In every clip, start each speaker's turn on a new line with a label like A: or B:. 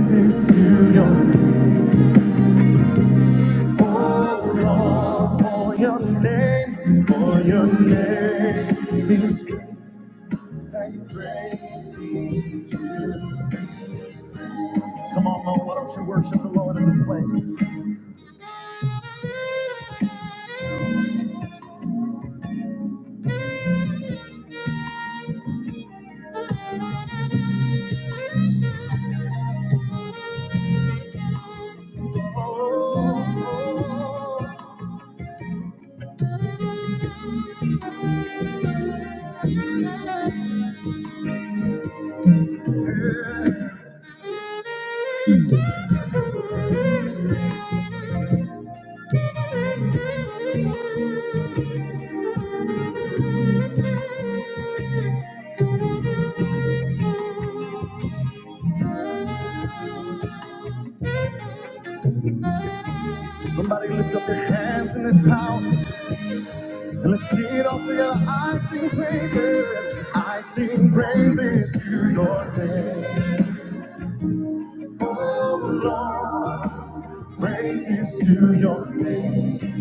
A: Praises to your Lord, for your name, for your name is strength Come on, Lord, why don't you worship the Lord in this place? Oh, yeah. Somebody lift up your hands in this house and let's sing it all together. I sing praises, I sing praises to your name, oh Lord. Praises to your name,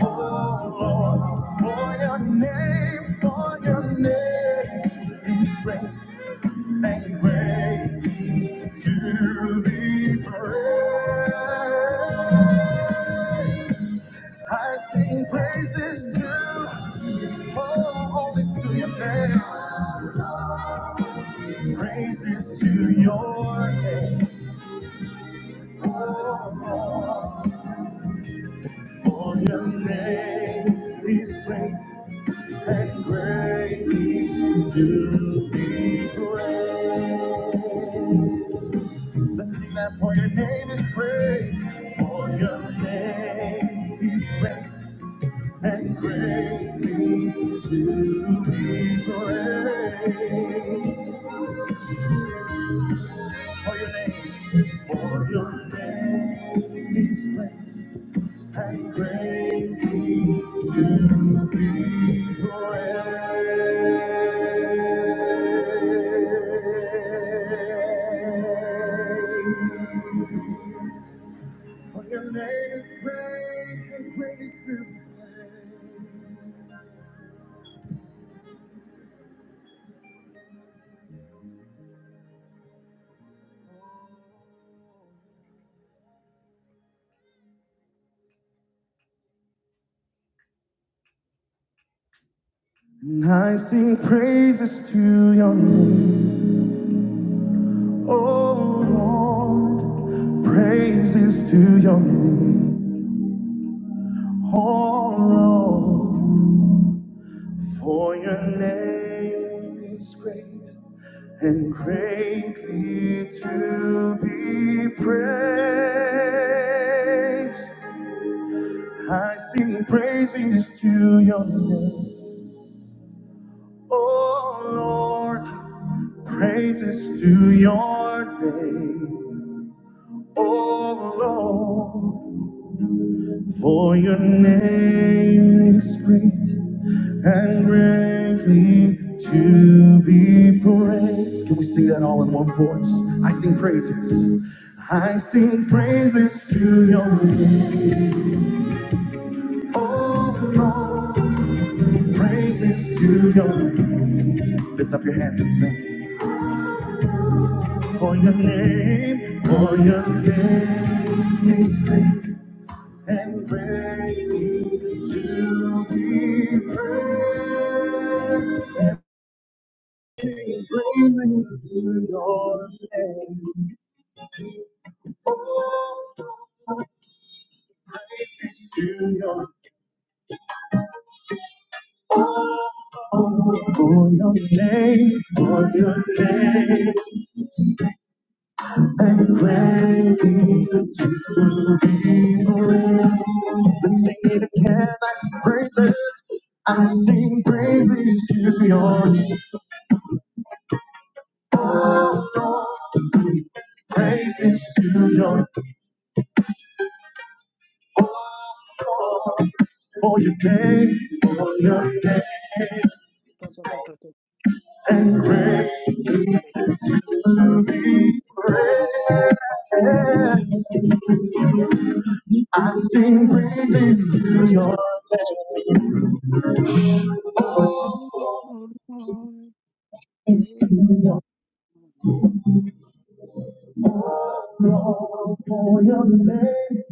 A: oh Lord, for your name, for your name is great and greatly to be praised. I sing praises to, oh, only to your name. Praises to your name, oh Lord. For your name, daily strength and greatly to be praised. Let's sing that for your name is great. For your name, daily strength and greatly to be praised. For your name, for your name is great. And greatly to be praised. For your name is great and greatly to be praised. And I sing praises to your name, oh Lord. Praises to your name, oh Lord. For your name is great and greatly to be praised. I sing praises to your name, oh Lord, praises to your name, oh Lord. For your name is great and greatly to be praised. Can we sing that all in one voice? I sing praises. I sing praises to your name. Oh Lord, praises to your name. Lift up your hands and sing. For your name, for your name is great and greatly to be praised. Praises to your name, to your oh, for your name, for your name, and greatly to be praised. Let's sing it again. I sing praises. I sing praises to your name. Praises to your name. for your name, for your name,
B: Oh Lord, great this morning
A: for your name.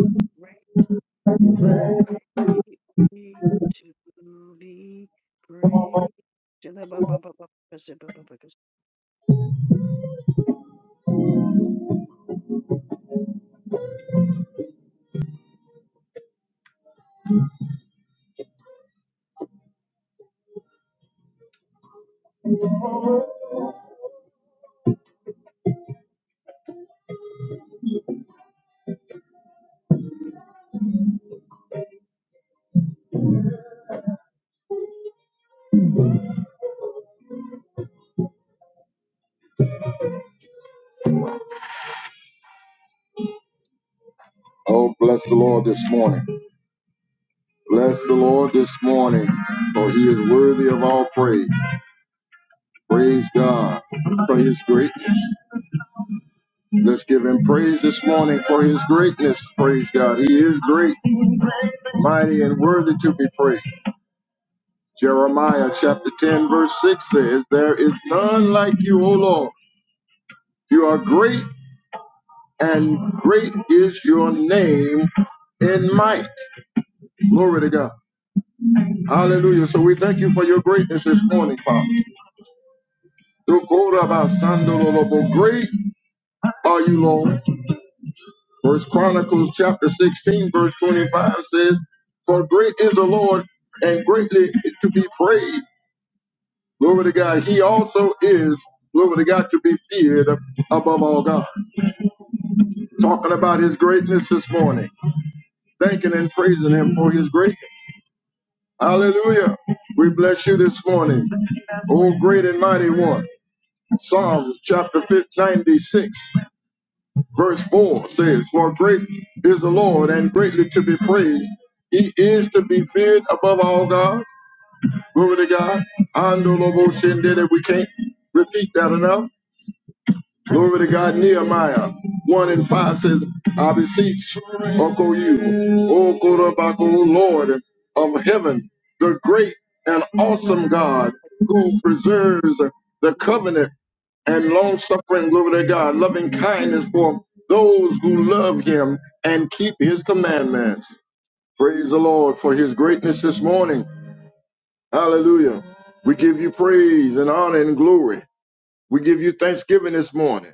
B: is great And
A: Oh, bless the Lord this morning. Bless the Lord this morning, for he is worthy of all praise. Praise God for his greatness. Let's give him praise this morning for his greatness. Praise God. He is great, mighty, and worthy to be praised. Jeremiah chapter 10, verse 6 says, There is none like you, O Lord. You are great and great is your name in might. Glory to God. Hallelujah. So we thank you for your greatness this morning, Father. Dokorabasandololobo. Great are you, Lord. First Chronicles chapter 16, verse 25 says, For great is the Lord and greatly to be praised. Glory to God. He also is, glory to God, to be feared above all God. Talking about his greatness this morning, thanking and praising him for his greatness. Hallelujah. We bless you this morning. O great and mighty one. Psalms chapter 5, 96, verse 4 says, For great is the Lord and greatly to be praised. He is to be feared above all gods. Glory to God. Ando lobo shendele. We can't repeat that enough. Glory to God. Nehemiah 1 and 5 says, I beseech, uncle you, O Korabako, Lord of heaven, the great and awesome God who preserves the covenant and long suffering, glory to God, loving kindness for those who love him and keep his commandments. Praise the Lord for his greatness this morning. Hallelujah. We give you praise and honor and glory. We give you thanksgiving this morning.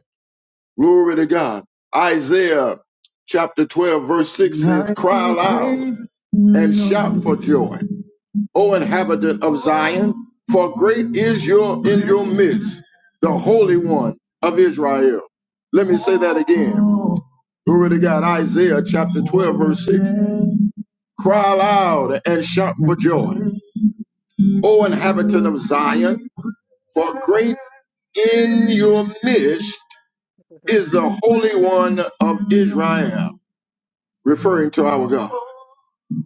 A: Glory to God. Isaiah chapter 12, verse 6 says, Cry aloud and shout for joy, O inhabitant of Zion, for great is your in your midst, the Holy One of Israel. Let me say that again. Glory to God. Isaiah chapter 12, verse 6. Cry aloud and shout for joy, O inhabitant of Zion, for great in your midst is the Holy One of Israel. referring to our God.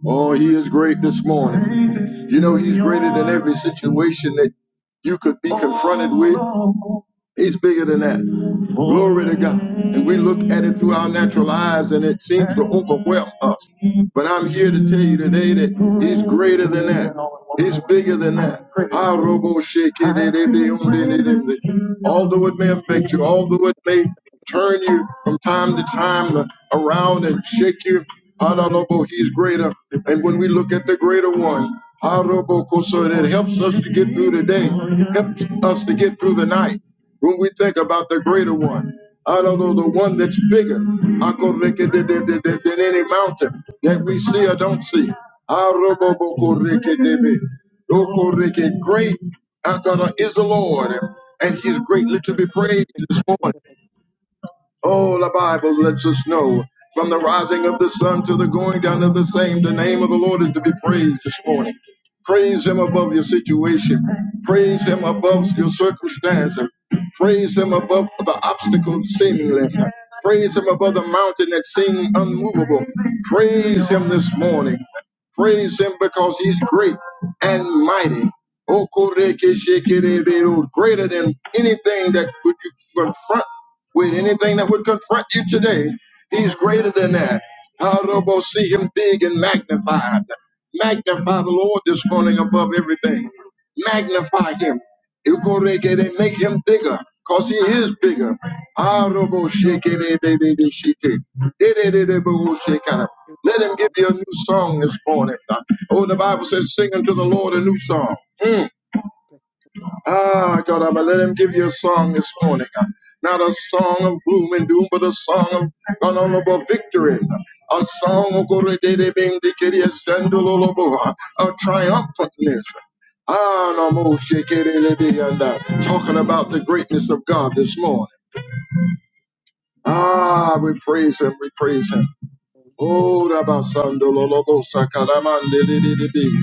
A: Oh, He is great this morning. You know, He's greater than every situation that you could be confronted with. He's bigger than that. Glory to God. And we look at it through our natural eyes and it seems to overwhelm us. But I'm here to tell you today that he's greater than that. He's bigger than that. Ah, robo shake it, it, it, it, um, it, Although it may affect you, although it may turn you from time to time around and shake you, ah, robo, he's greater. And when we look at the greater one, ah, robo, so that helps us to get through the day, helps us to get through the night. When we think about the greater one, I don't know the one that's bigger Akoreke de- de- de- de- than any mountain that we see or don't see. Arobobokoreke debe. Okoreke, Great Akara is the Lord, and he's greatly to be praised this morning. Oh, the Bible lets us know from the rising of the sun to the going down of the same, the name of the Lord is to be praised this morning. Praise Him above your situation, praise Him above your circumstance, praise Him above the obstacles seemingly, praise Him above the mountain that seems unmovable. Praise Him this morning. Praise him because he's great and mighty. Okorekechekerebe, Greater than anything that would you confront with, anything that would confront you today. He's greater than that. Harobo, see him big and magnified. Magnify the Lord this morning above everything. Magnify him. Ikorekere, Make him bigger, because he is bigger. Arobo shekere, baby, de sheke. Dededede, bo shekara. Let him give you a new song this morning. Oh, the Bible says, sing unto the Lord a new song. Mm. Ah, God, I'm gonna let him give you a song this morning. Uh, Not a song of gloom and doom, but a song of honorable victory. A song of glory, de- de- bing, de- kiri, a sandalolobo, uh, of triumphantness. Ah, no more shake it, it, it, it, and, uh, Talking about the greatness of God this morning. Ah, we praise him, we praise him. Oh, Rabasando Lolobo Sakaramande Lidibi.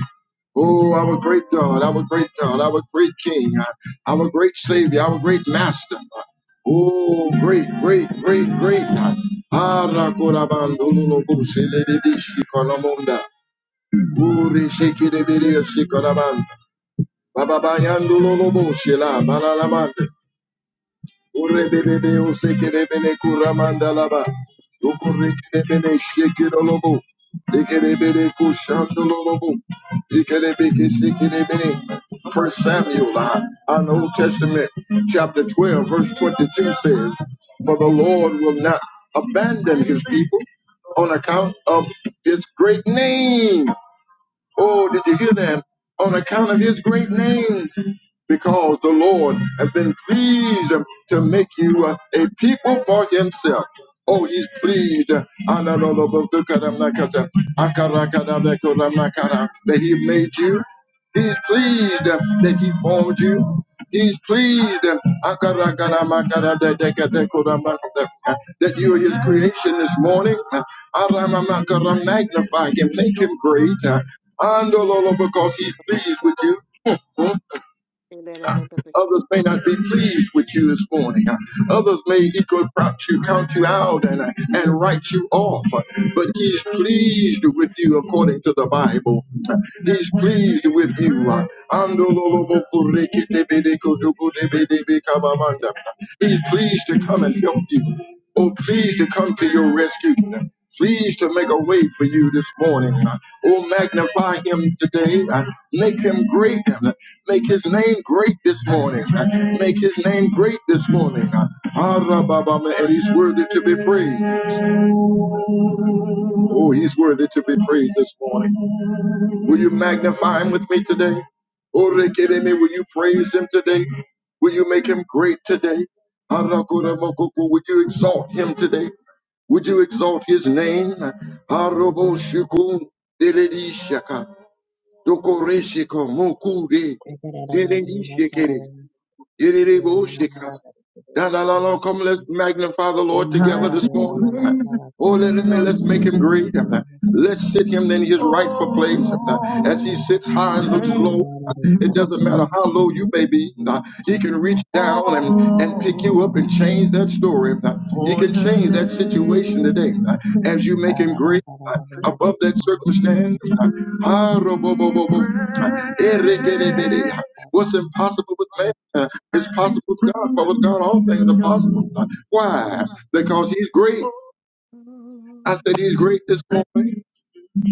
A: Oh, our great God, our great God, our great King, uh, our great Savior, our great Master. Oh, great, great, great, great. uh, Arakorabando Lolobo Silidibi Shikonamunda. Uri Shikidibiri Shikonamanda. Baba Lolobo Shila Banalamande. Urebebebe usekerebele kuramandalaba.
B: Praise
A: Ukurekerebele shekerolobo. Dekerebele kushandololobo. Dekerebeke sekerebele. First Samuel, uh, on the Old Testament, chapter 12, verse 22 says, For the Lord will not abandon his people on account of his great name. Oh, did you hear that? On account of his great name because the Lord has been pleased to make you uh, a people for himself. Oh, he's pleased uh, that he made you. He's pleased uh, that he formed you. He's pleased uh, that you are his creation this morning. Uh, Magnify him, make him
B: Thank you.
A: great. uh, And because he's pleased with you. Others may not be pleased with you this morning. Uh, Others may equal prop you, count you out, and, uh, and write you off. Uh, But he's pleased with you according to the Bible. Uh, He's pleased with you. Uh, Andololobokurekitebedekudukudebedebekabamanda. He's pleased to come and help you. Oh, pleased to come to your rescue pleased to make a way for you this morning. Uh, Oh, magnify him today. Uh, Make him great. Uh, Make his name great this morning. Uh, Make his name great this morning. Uh, Ah, Rabba, And he's worthy to be praised. Oh, he's worthy to be praised this morning. Will you magnify him with me today? Orekereme, will you praise him today? Will you make him great today? Arakoramokoko, Would you exalt him today? Would you exalt his name? Aroboshikun deledishaka, dokoreshiko mokure,
C: Aga ra ra ma di ma sa ra
A: deledishikere,
C: ra di di di a ma ma ra di di di
A: Da, da,
C: ma
A: da, da. Come, let's
C: ma
A: magnify the Lord
C: di di bara
A: together
C: ra di
A: this
C: a ra ma
A: morning.
C: ma ra di di
A: Oh, let him,
C: ma
A: let's make him
C: ma
A: great. Let's sit him in his rightful place. As he sits high and looks
C: ra di a ra
A: low, it
C: ma
A: doesn't matter how low you may be. He can reach down and, and pick you up and change that story. He can change that situation today as you make him great
C: di a ra ma di di
A: above that circumstance.
C: ma
A: Ah, ro, bo, bo, bo, bo. Eh, re, ge, re, be, re. What's impossible with man uh, is possible with God. For with God, all things are possible. Why? Because He's great. I said He's great this morning.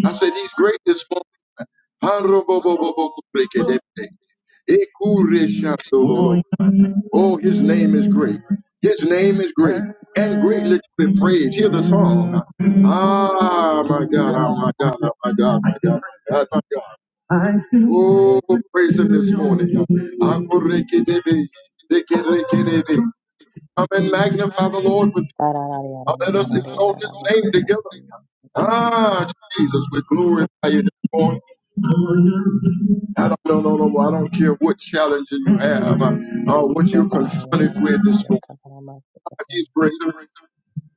A: I said He's great this morning. Oh, his name is great. His name is great and greatly to be praised. Hear the song. Ah, my God, ah, my God, ah, my God, my God, my God, my God. Oh, praise him this morning. Akurekedebe, dekerekedebe. Come and magnify the Lord with
C: ma ra di a
A: uh,
C: ra
A: let
C: ma
A: us
C: ra di a ra ma di a
A: exalt
C: ra ma di di ma ma ra di a ra ma ra di a ra ma di a
A: his name
C: ra ma
A: together. Ah, Jesus, we glorify you this morning. I don't, no, no, no, I don't care what challenges you have, uh, uh, what you're confronted with this morning. He's greater.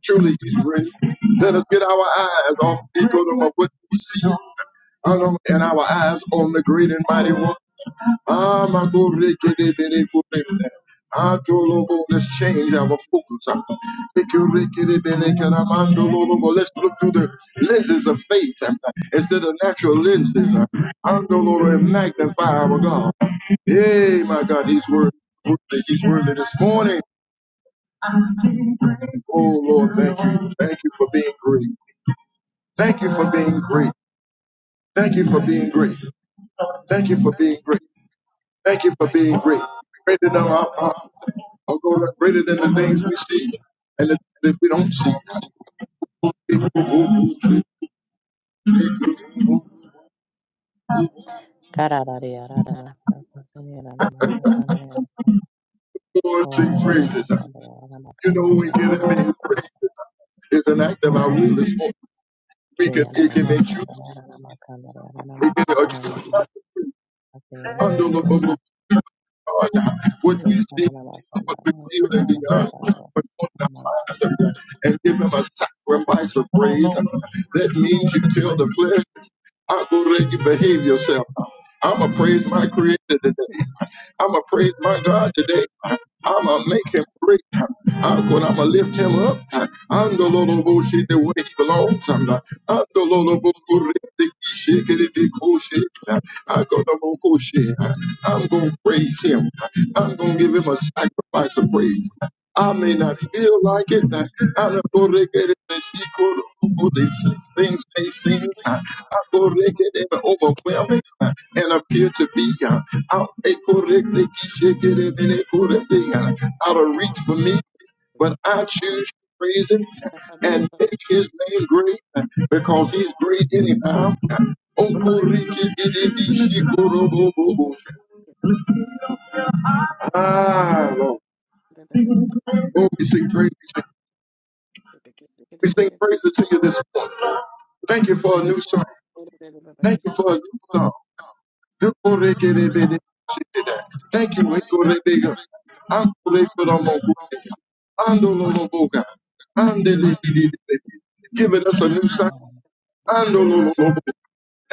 A: Truly, he's greater. Let us get our eyes off the eagle of what we see and um, and our eyes on the great and mighty one. Ah, my good rickety bitty footy. Ah, Jolobo, let's change our focus. Ah, make your rickety bitty caramando, Lolobo. Let's look through the lenses of faith ah, instead of natural lenses. Ah, Andoloro, and magnify our God. Hey, my God, He's worthy. He's worthy this morning. Oh Lord, thank you. Thank you for being great. Thank you for being great. Thank you for being great. Thank you for being great. Thank you for being great. Greater than our problems. Oh God, greater than the things we see and the things we don't see. Lord, sing praises. You know we get
C: di di
A: it being
C: ma
A: praises is an act of our will. It's- We
C: Para la
A: can it can choose. It can choose not to. be. Lord, what we see, and what we feel in the earth, but on the Father, and give him a sacrifice of praise. That means you kill the flesh. I'm going to let you behave yourself. I'm going to praise my creator today. I'm going to praise my God today. I'm gonna make him great. I'm gonna, lift him up. I'm the Lord of bullshit the way he belongs. I'm the, I'm the Lord of bullshit. I'm gonna bullshit. I'm gonna praise him. I'm gonna give him a sacrifice of praise. I may not feel like it. I, I don't go regret it, but she go to Google this. Things may seem uh, I go regret it, but overwhelming uh, and appear to be uh, out a correct They keep shaking it, and they it correct They uh, out of reach for me. But I choose to praise him and make his name great uh, because he's great anyhow. Uh, Oh, Koriki, Didi, Bishi, Koro, Bo, Bo, Bo. Ah, Lord. Oh, we sing praise. We sing praises to you this morning. Thank you for a new song. Thank you for a new song. Thank you. Ekurebega. Ankurekeromokureya. Andololoboga. Andelebidebe. Giving us a new song. Andololobo.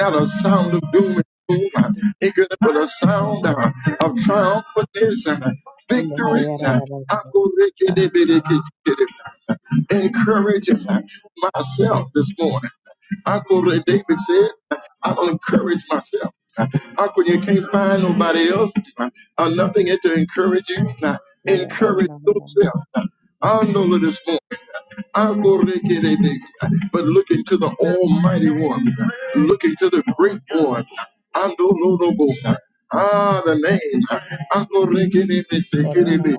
A: Not a sound of doom and gloom. It could have been a sound uh, of triumph and victory. uh, Akorekedebedekete, uh, Encouraging uh, myself this morning. Akore David said, I'll encourage myself. Uh, Uncle, you can't find nobody else uh, or nothing here to encourage you. Uh, encourage yourself. Uh, I know this morning. Agorekerebe. But look into the Almighty One. Look into the Great One. Andolodobo. Ah, the name. Agorekerebe, sekerebe.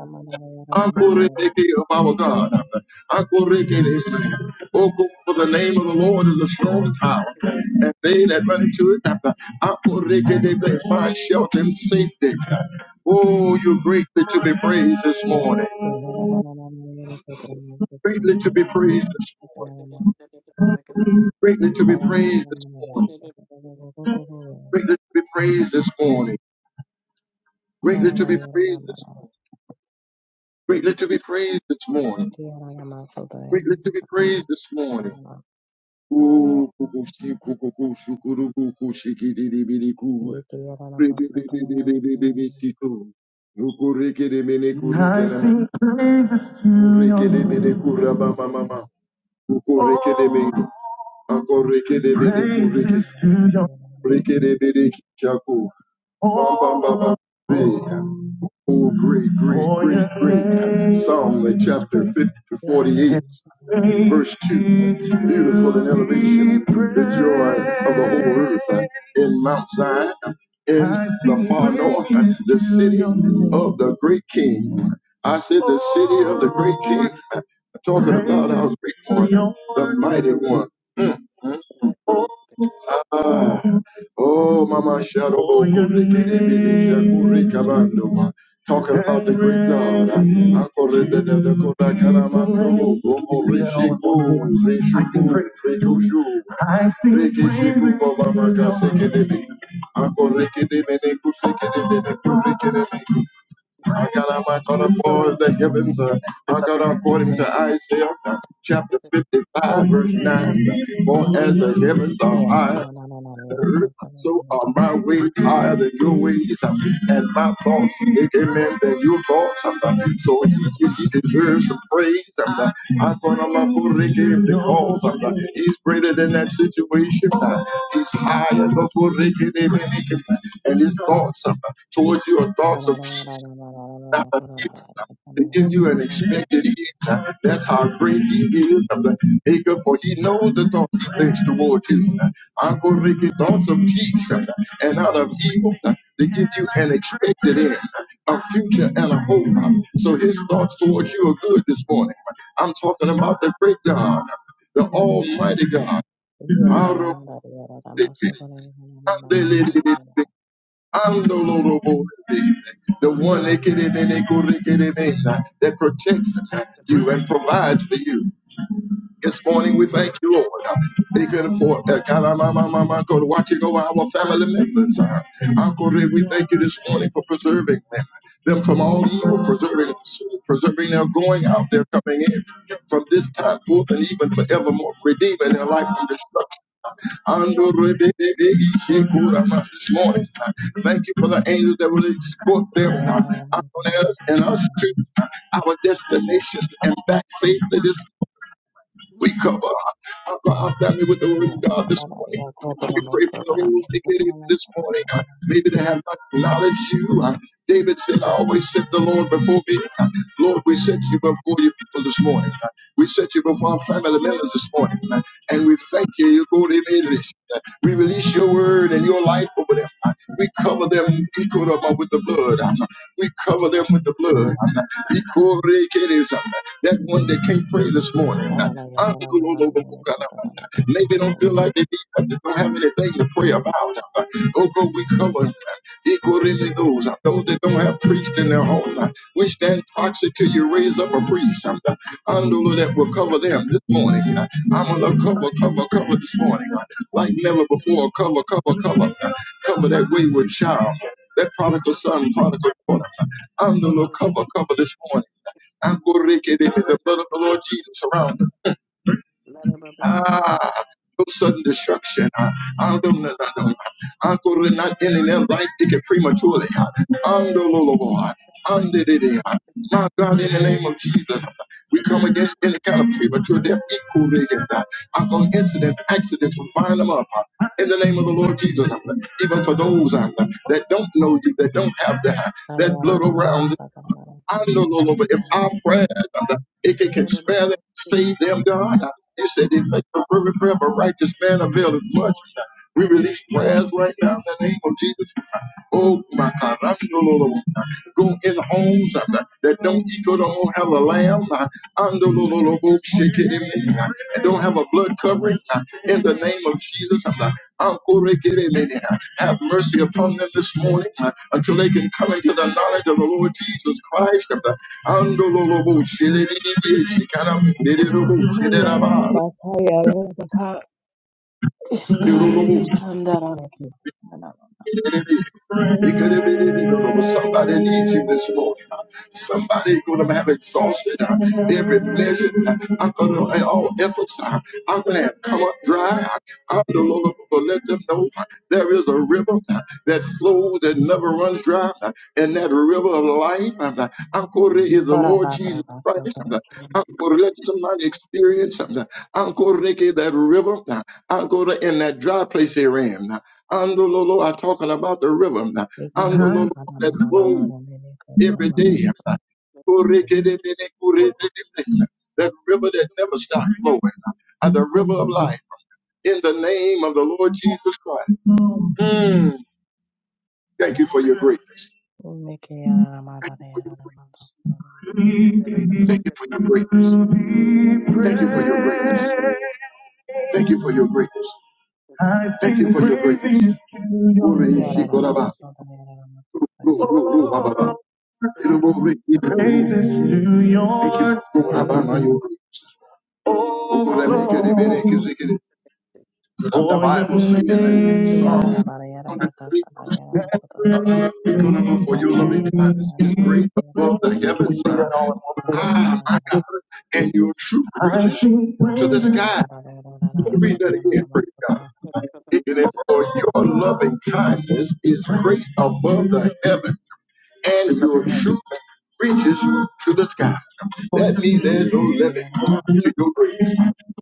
A: Ankorekeke of our God. Ankorekele. Oh, go for the name of the Lord is a strong tower, and they that run into it, Ankorekele, they find shelter and safety. Oh, you're greatly to be praised this morning. Greatly to be praised this morning. Greatly to be praised this morning. Greatly to be praised this morning. Greatly to be praised this morning. Greatly to be praised this morning. Greatly to be praised this morning. O kukushi kukuku shukuru kuku shikiri biri ku.
C: Yeah,
A: Rebe bebe bebe bebe bishiko. Nukure kere mene I kurikera. sing praises to your Rekere mene kura name. mama mama. Ukure kere mene. Oh, Akore kere mene kurikera. praises to your name. Oh, Oh, great, great, great, great. Psalm uh, chapter 50 to 48, verse 2. Beautiful in elevation, the joy of the whole earth uh, in Mount Zion, in the far north, uh, the city of the great king. I said the city of the great king, talking about our great one, the mighty one. Ah, Oh, Mama Shadow, For your name Kabando. Talking about the great God. ready Akore de de de to kora be karamandro. praised. Can you Bobo sing that all rishi in ko, one voice? I rishi sing ko, praises. redoshu. I sing Reke shiku praises baba to maka your sheke name. debe. Akore kede mene kusheke debe ne kurike debe. Akara Praises to makara your for the heavens. uh, Lift up your Akara hands and according sing. to Isaiah. uh, Chapter For 55, your verse 9. name For as the and heavens are ready. So are my way higher than your ways, uh, and my thoughts bigger men than your thoughts. um, uh, So he, he he deserves some praise. um, uh, I thought I'm up for the because um, uh, he's greater than that situation. uh, He's higher, but for him game, and his thoughts um, uh, towards you are thoughts of peace not a gift to give you an expected end. That's how great he is of the maker, for he knows the thoughts he thinks toward you. Uncle Ricky, thoughts of peace and out of evil to give you an expected end, a future and a hope. So his thoughts towards you are good this morning. I'm talking about the great God, the almighty God. Andolorobo, The one ekerebe, nekorekerebe, that protects you and provides for you. This morning we thank you, Lord. Uh, They could afford uh, God, uh, my, my, my, my, go to watch it over our family members. Uh, Uncle Ray, we thank you this morning for preserving them, them from all evil, preserving preserving their going out, their coming in from this time forth and even forevermore, redeeming their life from destruction. Ando rebe de de ishe kura ma This morning, uh, thank you for the angels that will escort them uh, out there and us to uh, our destination and back safely this we
B: Thank
A: cover our, our our family with the word of God this morning. We pray for those that get in this morning. uh, Maybe they have not acknowledged you. Uh, David said, I always set the Lord before me. Uh, Lord, we set you before your people this morning. Uh, We set you before our family members this morning. Uh, and we thank you. You go to the rest. We release your word and your life over them. We cover them. We cover them with the blood. We cover them with the blood. We cover That one that can't pray this morning. Maybe don't feel like they need, they don't have anything to pray about. Oh God, we cover them. We cover them those. Those that don't have priest in their home. We stand proxy till you raise up a priest. Andolo that will cover them this morning. I'm gonna cover, cover, cover this morning. Like never before, cover, cover, cover. Cover that wayward child, that prodigal son, prodigal daughter. Andolo cover, cover this morning. Ankoreke, The blood of the Lord Jesus around them. Ah, no sudden destruction. Ah, ah, no, no, no, no. no. Ah, Lord, not ending their life ticket prematurely. Ah, um, no, no, no, no. Ah, um, di, di, di. Ah, My God, in the name of Jesus, ah. we come against any kind of premature death, equal rigging. Ah, I'm going incidents, accidents, we find them up. Ah, In the name of the Lord Jesus, Ah, even for those ah, that don't know you, that don't have that, that blood around. I know, Lord, Lord, but if our prayers, uh, it can, can spare them, save them, God. Uh, You said they make the fervent prayer of a righteous man avail as much. Uh, We release prayers right now in the name of Jesus. Uh, Oh, my God. I know, Lord, Lord, uh, Go in homes uh, that that don't eat good or don't have a lamb. Uh, Andololoboshekeremene. and don't have a blood covering uh, in the name of Jesus. I'm the Ankorekeremene. Have mercy upon them this morning uh, until they can come into the knowledge of the Lord Jesus Christ. I'm the Andololoboshelerebeshikanamereroboshereraba. Somebody needs you this morning. Somebody going to have exhausted uh, every pleasure. Uh, I'm going to, in all efforts, uh, I'm going to have come up dry. I'm the Lord going to let them know uh, there is a river uh, that flows that never runs dry. uh, And that river of life, uh, I'm going to is the Lord Jesus Christ. uh, I'm going to let somebody experience something. I'm going to that river. uh, I'm going to in that dry place they're in. Andololo are talking about the river. Uh-huh. Andololo that flows every day. That river that never stops flowing. and The river of life. In the name of the Lord Jesus Christ. Thank you for your greatness. Thank you for your greatness. Thank you for your greatness. Thank you for your greatness. Thank you for your greatness. Thank you for your greatness. Ore
C: Yarara
A: shikoraba. Praises to your name. Oh, Lord, And the Bible for your says in Psalm 108, verse for your loving kindness is great above the heavens. Ah, my God. And your truth reaches to the sky. Let me read that again. Praise God. For your loving kindness is great above the heavens and your truth reaches to the sky. That means there's no limit to your grace.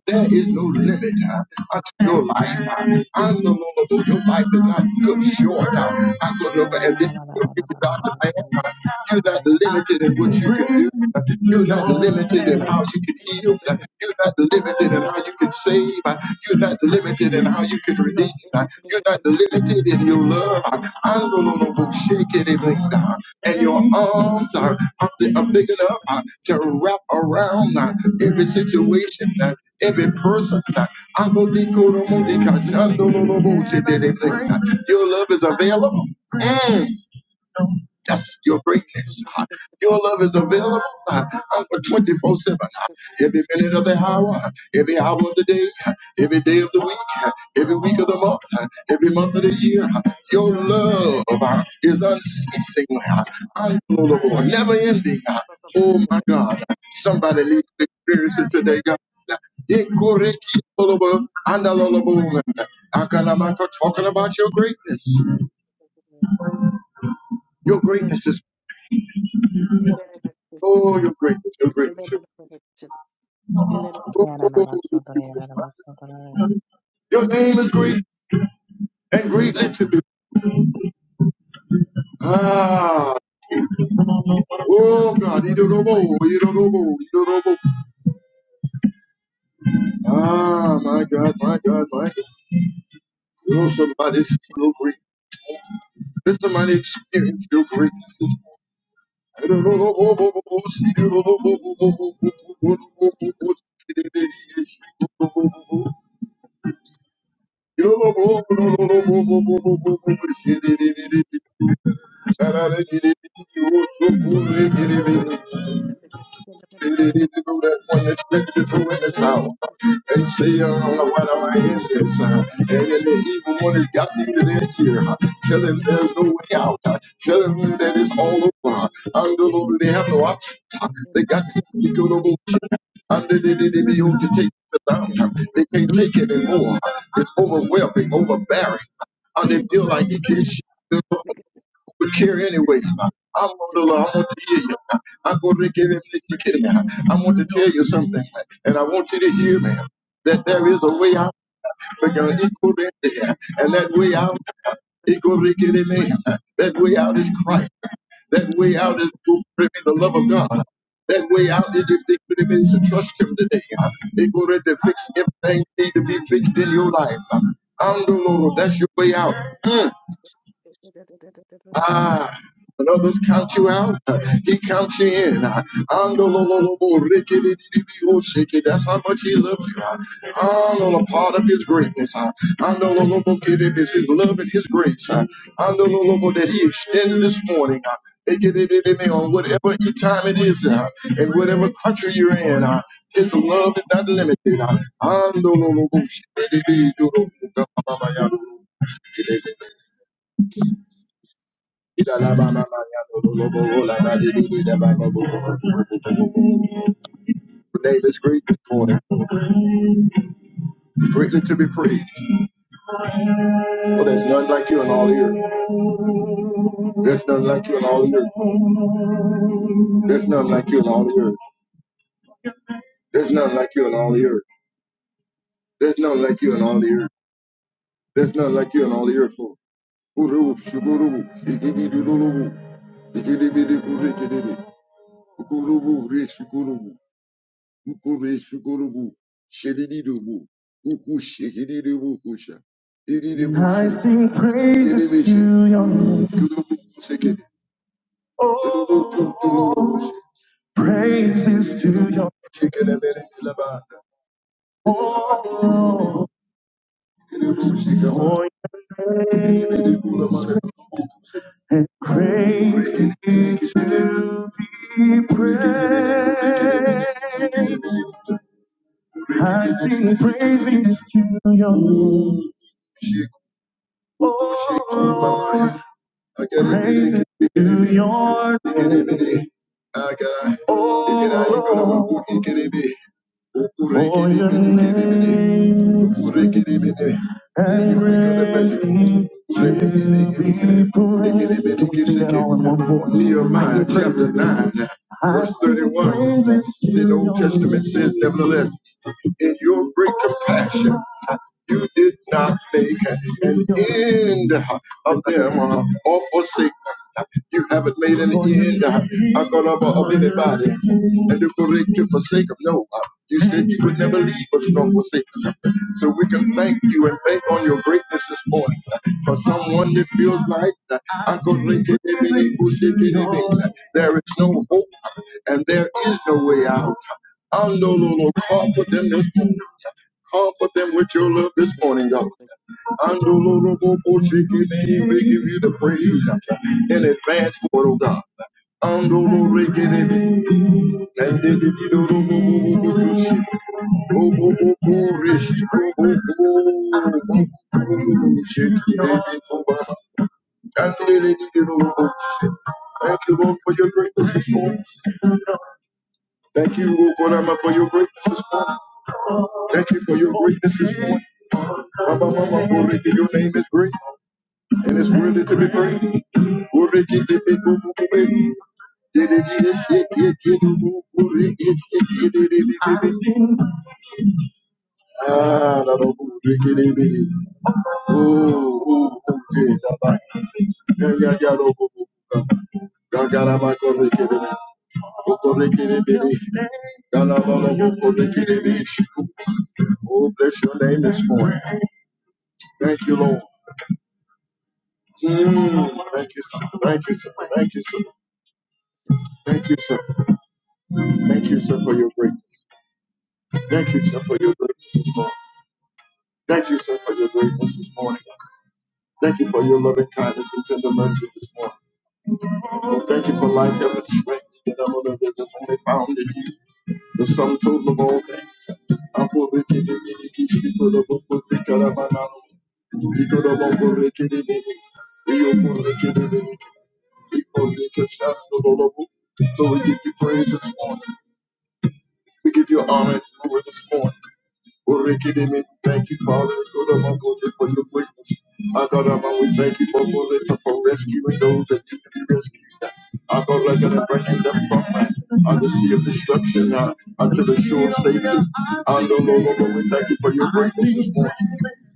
A: There is no limit uh, unto your life. Uh, I no longer know your life is not cut short. Uh, I no longer
C: Kiara
A: as if your people are to man. Uh, you're not
C: Yarararabarabarabarabara.
A: limited in what you can do. Uh, you're not limited in how you can heal. Uh, you're not limited limited in how you can save. Uh, You're not limited in how you can redeem. Uh, You're not limited in your love. Uh, Andololobo, shake it, it, it, uh, And your arms are, are, are big enough uh, to wrap around uh, every situation, uh, every person. uh, Andolikoromodika, andololobo, shake it, it, it, uh, Your love is available. That's your greatness. Uh, Your love is available uh, uh, 24-7. uh, Every minute of the hour, uh, every hour of the day, uh, every day of the week, uh, every week of the month, uh, every month of the year. uh, Your love uh, is unceasing, uh, uncontrollable, never ending. uh, Oh my God. uh, Somebody needs to experience it today, God. Incorrigible, unalloyable. I can- I'm not talking about your greatness. Your
B: you.
A: greatness is Oh your greatness, your greatness, your oh, your greatness. my God.
C: Yararabasodorayararabasodorare.
A: Your name is great and greatly to me. Ah, oh God, he do no more, he do no more, he do no more. Ah, my God, my God, my God. You know something? By this, you're great. This is my experience. You're great. That one that's ready to throw in the towel And say, I don't know why am I in this? Uh, and then the evil one has got me to their ear. Uh, tell him there's no way out. Uh, tell him that it's all over. And the Lord, they have no option. Uh, they got to go to and they, they, they, they be able to take it down. Uh, They can't take it anymore. Uh, It's overwhelming, overbearing. And they feel like he can't shoot them would care anyway. I'm on the I want to hear you. I'm going to give him this again. I want to tell you something, and I want you to hear me. That there is a way out, Because you're equal there. And that way out, equal to getting in. me. That way out is Christ. That way out is to bring me the love of God. That way out is if they could have to trust him today. They go ready to fix everything need to be fixed in your life. I'm the Lord. That's your way out. Mm. Ah, when others count you out, uh, he counts you in. Uh, Andololobo, rikididididio, shiki. That's how much he loves you. Uh, Andolo, part of his greatness. Uh, Andololobo, kidib, is his love and his grace. Uh, Andololobo, that he extends this morning. Uh, ikidididimi, on whatever e- time it is, uh, and whatever country you're in, uh, his love is not limited. Uh, Andololobo, shikididididio, your name is great this morning, greatly to be praised. For there's none like you in all the earth. There's none like you in all the earth. There's none like you in all the earth. There's none like you in all the earth. There's none like you in all the earth. There's none like you in all the earth. For Urubu, Shugurubu, Igibi Dulubu, Igibi Dikurikidibi, Ukurubu, Rich Guru. Ukureshukurubu, shedididubu, ukushikididubukosha, I ididibushidi, sing praises idibishe, to your name. kudubukusekedi, Oh, kudubukudubukushe, praises to your ididibushikelemelelelabada, ididibudidididibu, oh, idibushikama, for your Idibidi name is ididibudidibulamana, and Urekidi greatly rigidibidibidibidi, to be praised. I sing praises to your name. Oh, praise it to your name. Oh, for your name and greatly to be praised. Can we sing that all in one voice? Nehemiah chapter 9, verse 31. The Old Testament says, Nevertheless, in your great compassion, you did not make an end of them uh, or forsake them. You haven't made an end uh, of of anybody. name And the correct to forsake them. No. Uh, you said you would never leave us nor forsake us. So we can thank you and bank on your greatness this morning. uh, For someone that feels like uh, Uncle
B: Thank
A: Ricky, there is no hope uh, and there is no way out. Undo, lo, lo, Call for them this morning. uh, Call for them with your love this morning, God. Andolorobokoshikidi, We give you the praise in advance for it, oh God. Andolorikidi, andidididoroboboboboboshe, robobokorisikoboboboboshikidididoba, andididididoroboboshe. Thank you, Lord, for your greatness this morning. Thank you, Lord God, Almighty, for your greatness this morning. Thank you for your greatness this morning. Mama, mama, glory to your name is great and it's worthy to be praised. Orikidibikubukube, didididishikidikubu, orikishikidididididi. Ah, la la, orikidibidi. Oh, oh, oh, yeah, la, la. Yeah, yeah, yeah, lo, bu, bu, bu, ga. Ga, ga, la, ma, korikidibidi. Okorikidibidi. Ga, la, la, la, bu, korikidibidi. Oh, bless your name this morning. Thank you, Lord. Mm, thank you, sir. Thank you, sir. Thank you, sir. Thank you, sir. Thank you, sir, for your greatness. Thank you, sir, for your greatness this morning. Thank you, sir, for your greatness this morning. Thank you for your loving kindness and tender mercy this morning. Oh, Thank you for life, heaven, strength, and all the riches only found in You. The sum total of all things. I put it in the name of Jesus. You put it in the name of Jesus. You put it in the name of Jesus. You put it in the name of Jesus. Glory and praise this morning. We give you honor and glory this morning. we Urikidimi, Thank you, Father, good of our for your greatness. Agarama, we thank you for Loretta for rescuing those that need to be rescued. I Agarama, and bringing them from uh, the sea of destruction uh, unto the shore of safety. Andololo, we thank you for your greatness this morning.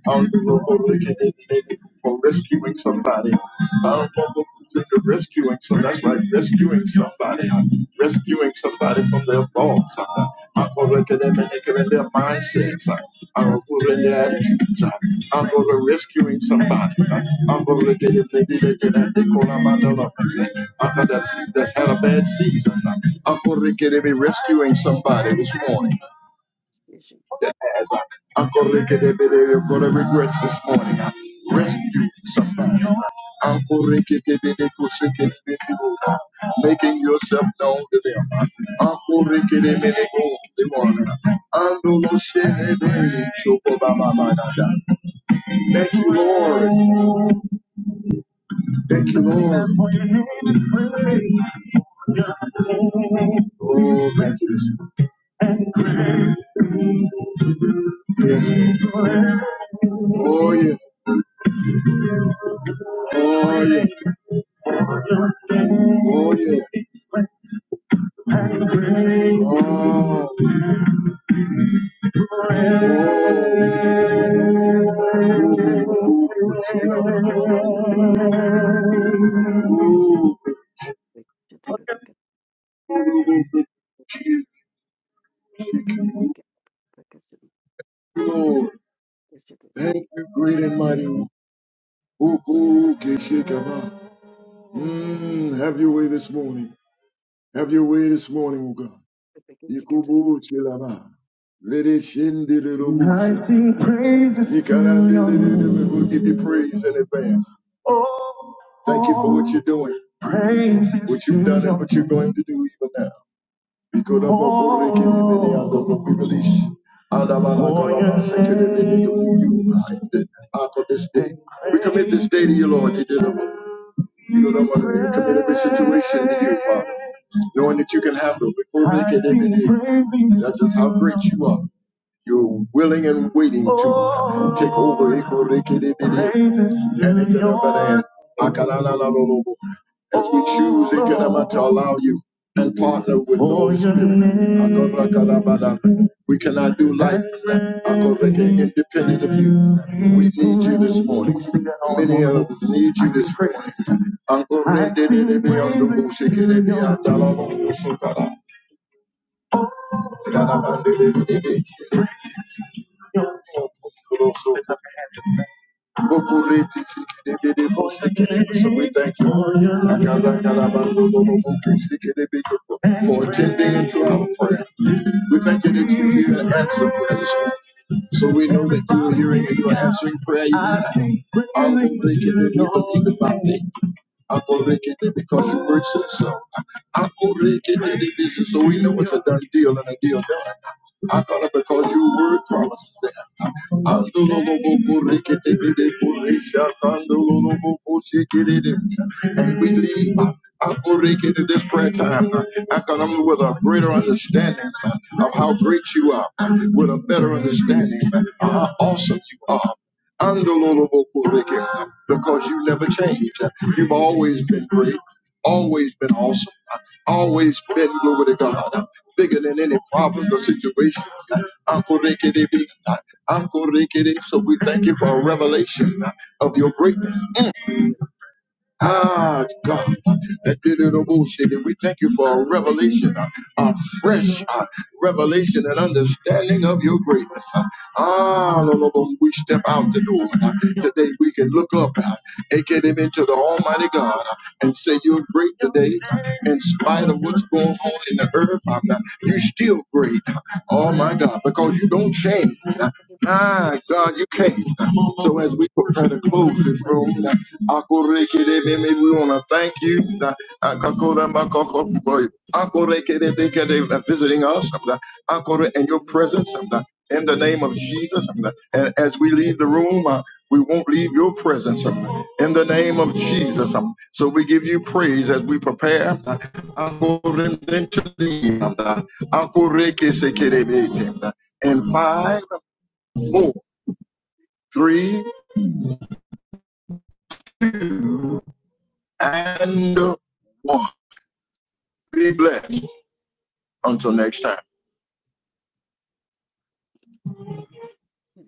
A: I know, Lord, Lord, we thank you for rescuing somebody. I don't know, Lord, into rescuing somebody. That's right, rescuing somebody, huh? rescuing somebody from their thoughts, uh, uh, or rather than in their mindsets, uh, uh, or in their attitudes. uh, I'm going to rescuing somebody. uh, I'm going to get them they did it, then They call all I'm out of them, I don't know, uh, that's, that's had a bad season. uh, I'm going to get them rescuing somebody this morning that has uh, Uncle Ricky de Biddy for the regrets this morning. Uh, rescue somebody. Uh, Uncle Ricky de Biddy Kusiki de Biddy, uh, making yourself known to them. I'm gonna Biddy go the morning. Uh, Ando lo shene de Shoko ba ba ba da Thank you, Lord. Thank you, Lord. Oh, thank you. Yes. Oh, yeah. Oh yeah. Oh yeah. Oh, oh, move it, move Oh Jesus. Move it, move it, Lord. Thank you, great and mighty. one. Uku keshikaba. Mm, have your way this morning. Have your way this morning, O God. Ikubu chilaba. Let it shindi little I sing praises to your name. We'll give you praise in advance. Thank you for what you're doing, what you've done, and what you're going to do even now. We release. Out of this day. We commit this day to you, Lord. You did We commit every situation to you, Father, knowing that you can handle. it. That's just how great you are. You're willing and waiting to take over. As we choose Ekanama, to allow you and partner with the Holy Spirit. We cannot do life independent of you. We need you this morning. Many of us need you this morning. Lift up your hands and sing. So We thank you for attending into our prayer. We thank you that you hear and answer prayers. So we know that you are hearing and you are answering prayer even now. All things they can do, you believe it not me. Akorekete, because your word says so. Akorekete de vision, so we know it's a done deal and a deal done. I thought it because your word promises that. Andololobokorekete bede koresha, kandololobokoshekete. And we leave uh, akorekete this prayer time. uh, I come with a greater understanding uh, of how great you are, uh, with a better understanding uh, of how awesome you are. Andololobokoreke, Because you never change. You've always been great, always been awesome, always been glory to God, bigger than any problem or situation. Ankorekerebe, ankorekere. So we thank you for a revelation of your greatness. Ah, God, that did it all, Savior. We thank you for a revelation, a, a fresh uh, revelation and understanding of your greatness. Uh, Ah, Lord, Lord, when we step out the door uh, today, we can look up uh, and get him into the Almighty God uh, and say, You're great today, uh, in spite of what's going on in the earth. uh, You're still great, uh, oh my God, because you don't change. Ah, God, you came. So as we prepare to close this room, Akurekedebeme, we want to thank you uh, Akakoramakoko, for Akurekedebekede, uh, visiting us uh, Akure, and your presence uh, in the name of Jesus. uh, And as we leave the room, uh, we won't leave your presence uh, in the name of Jesus. um, So we give you praise as we prepare uh, Akurendentuli, uh, Akurekesekedebete, uh, in five four, three, and one. Be blessed. Until next time.
B: you.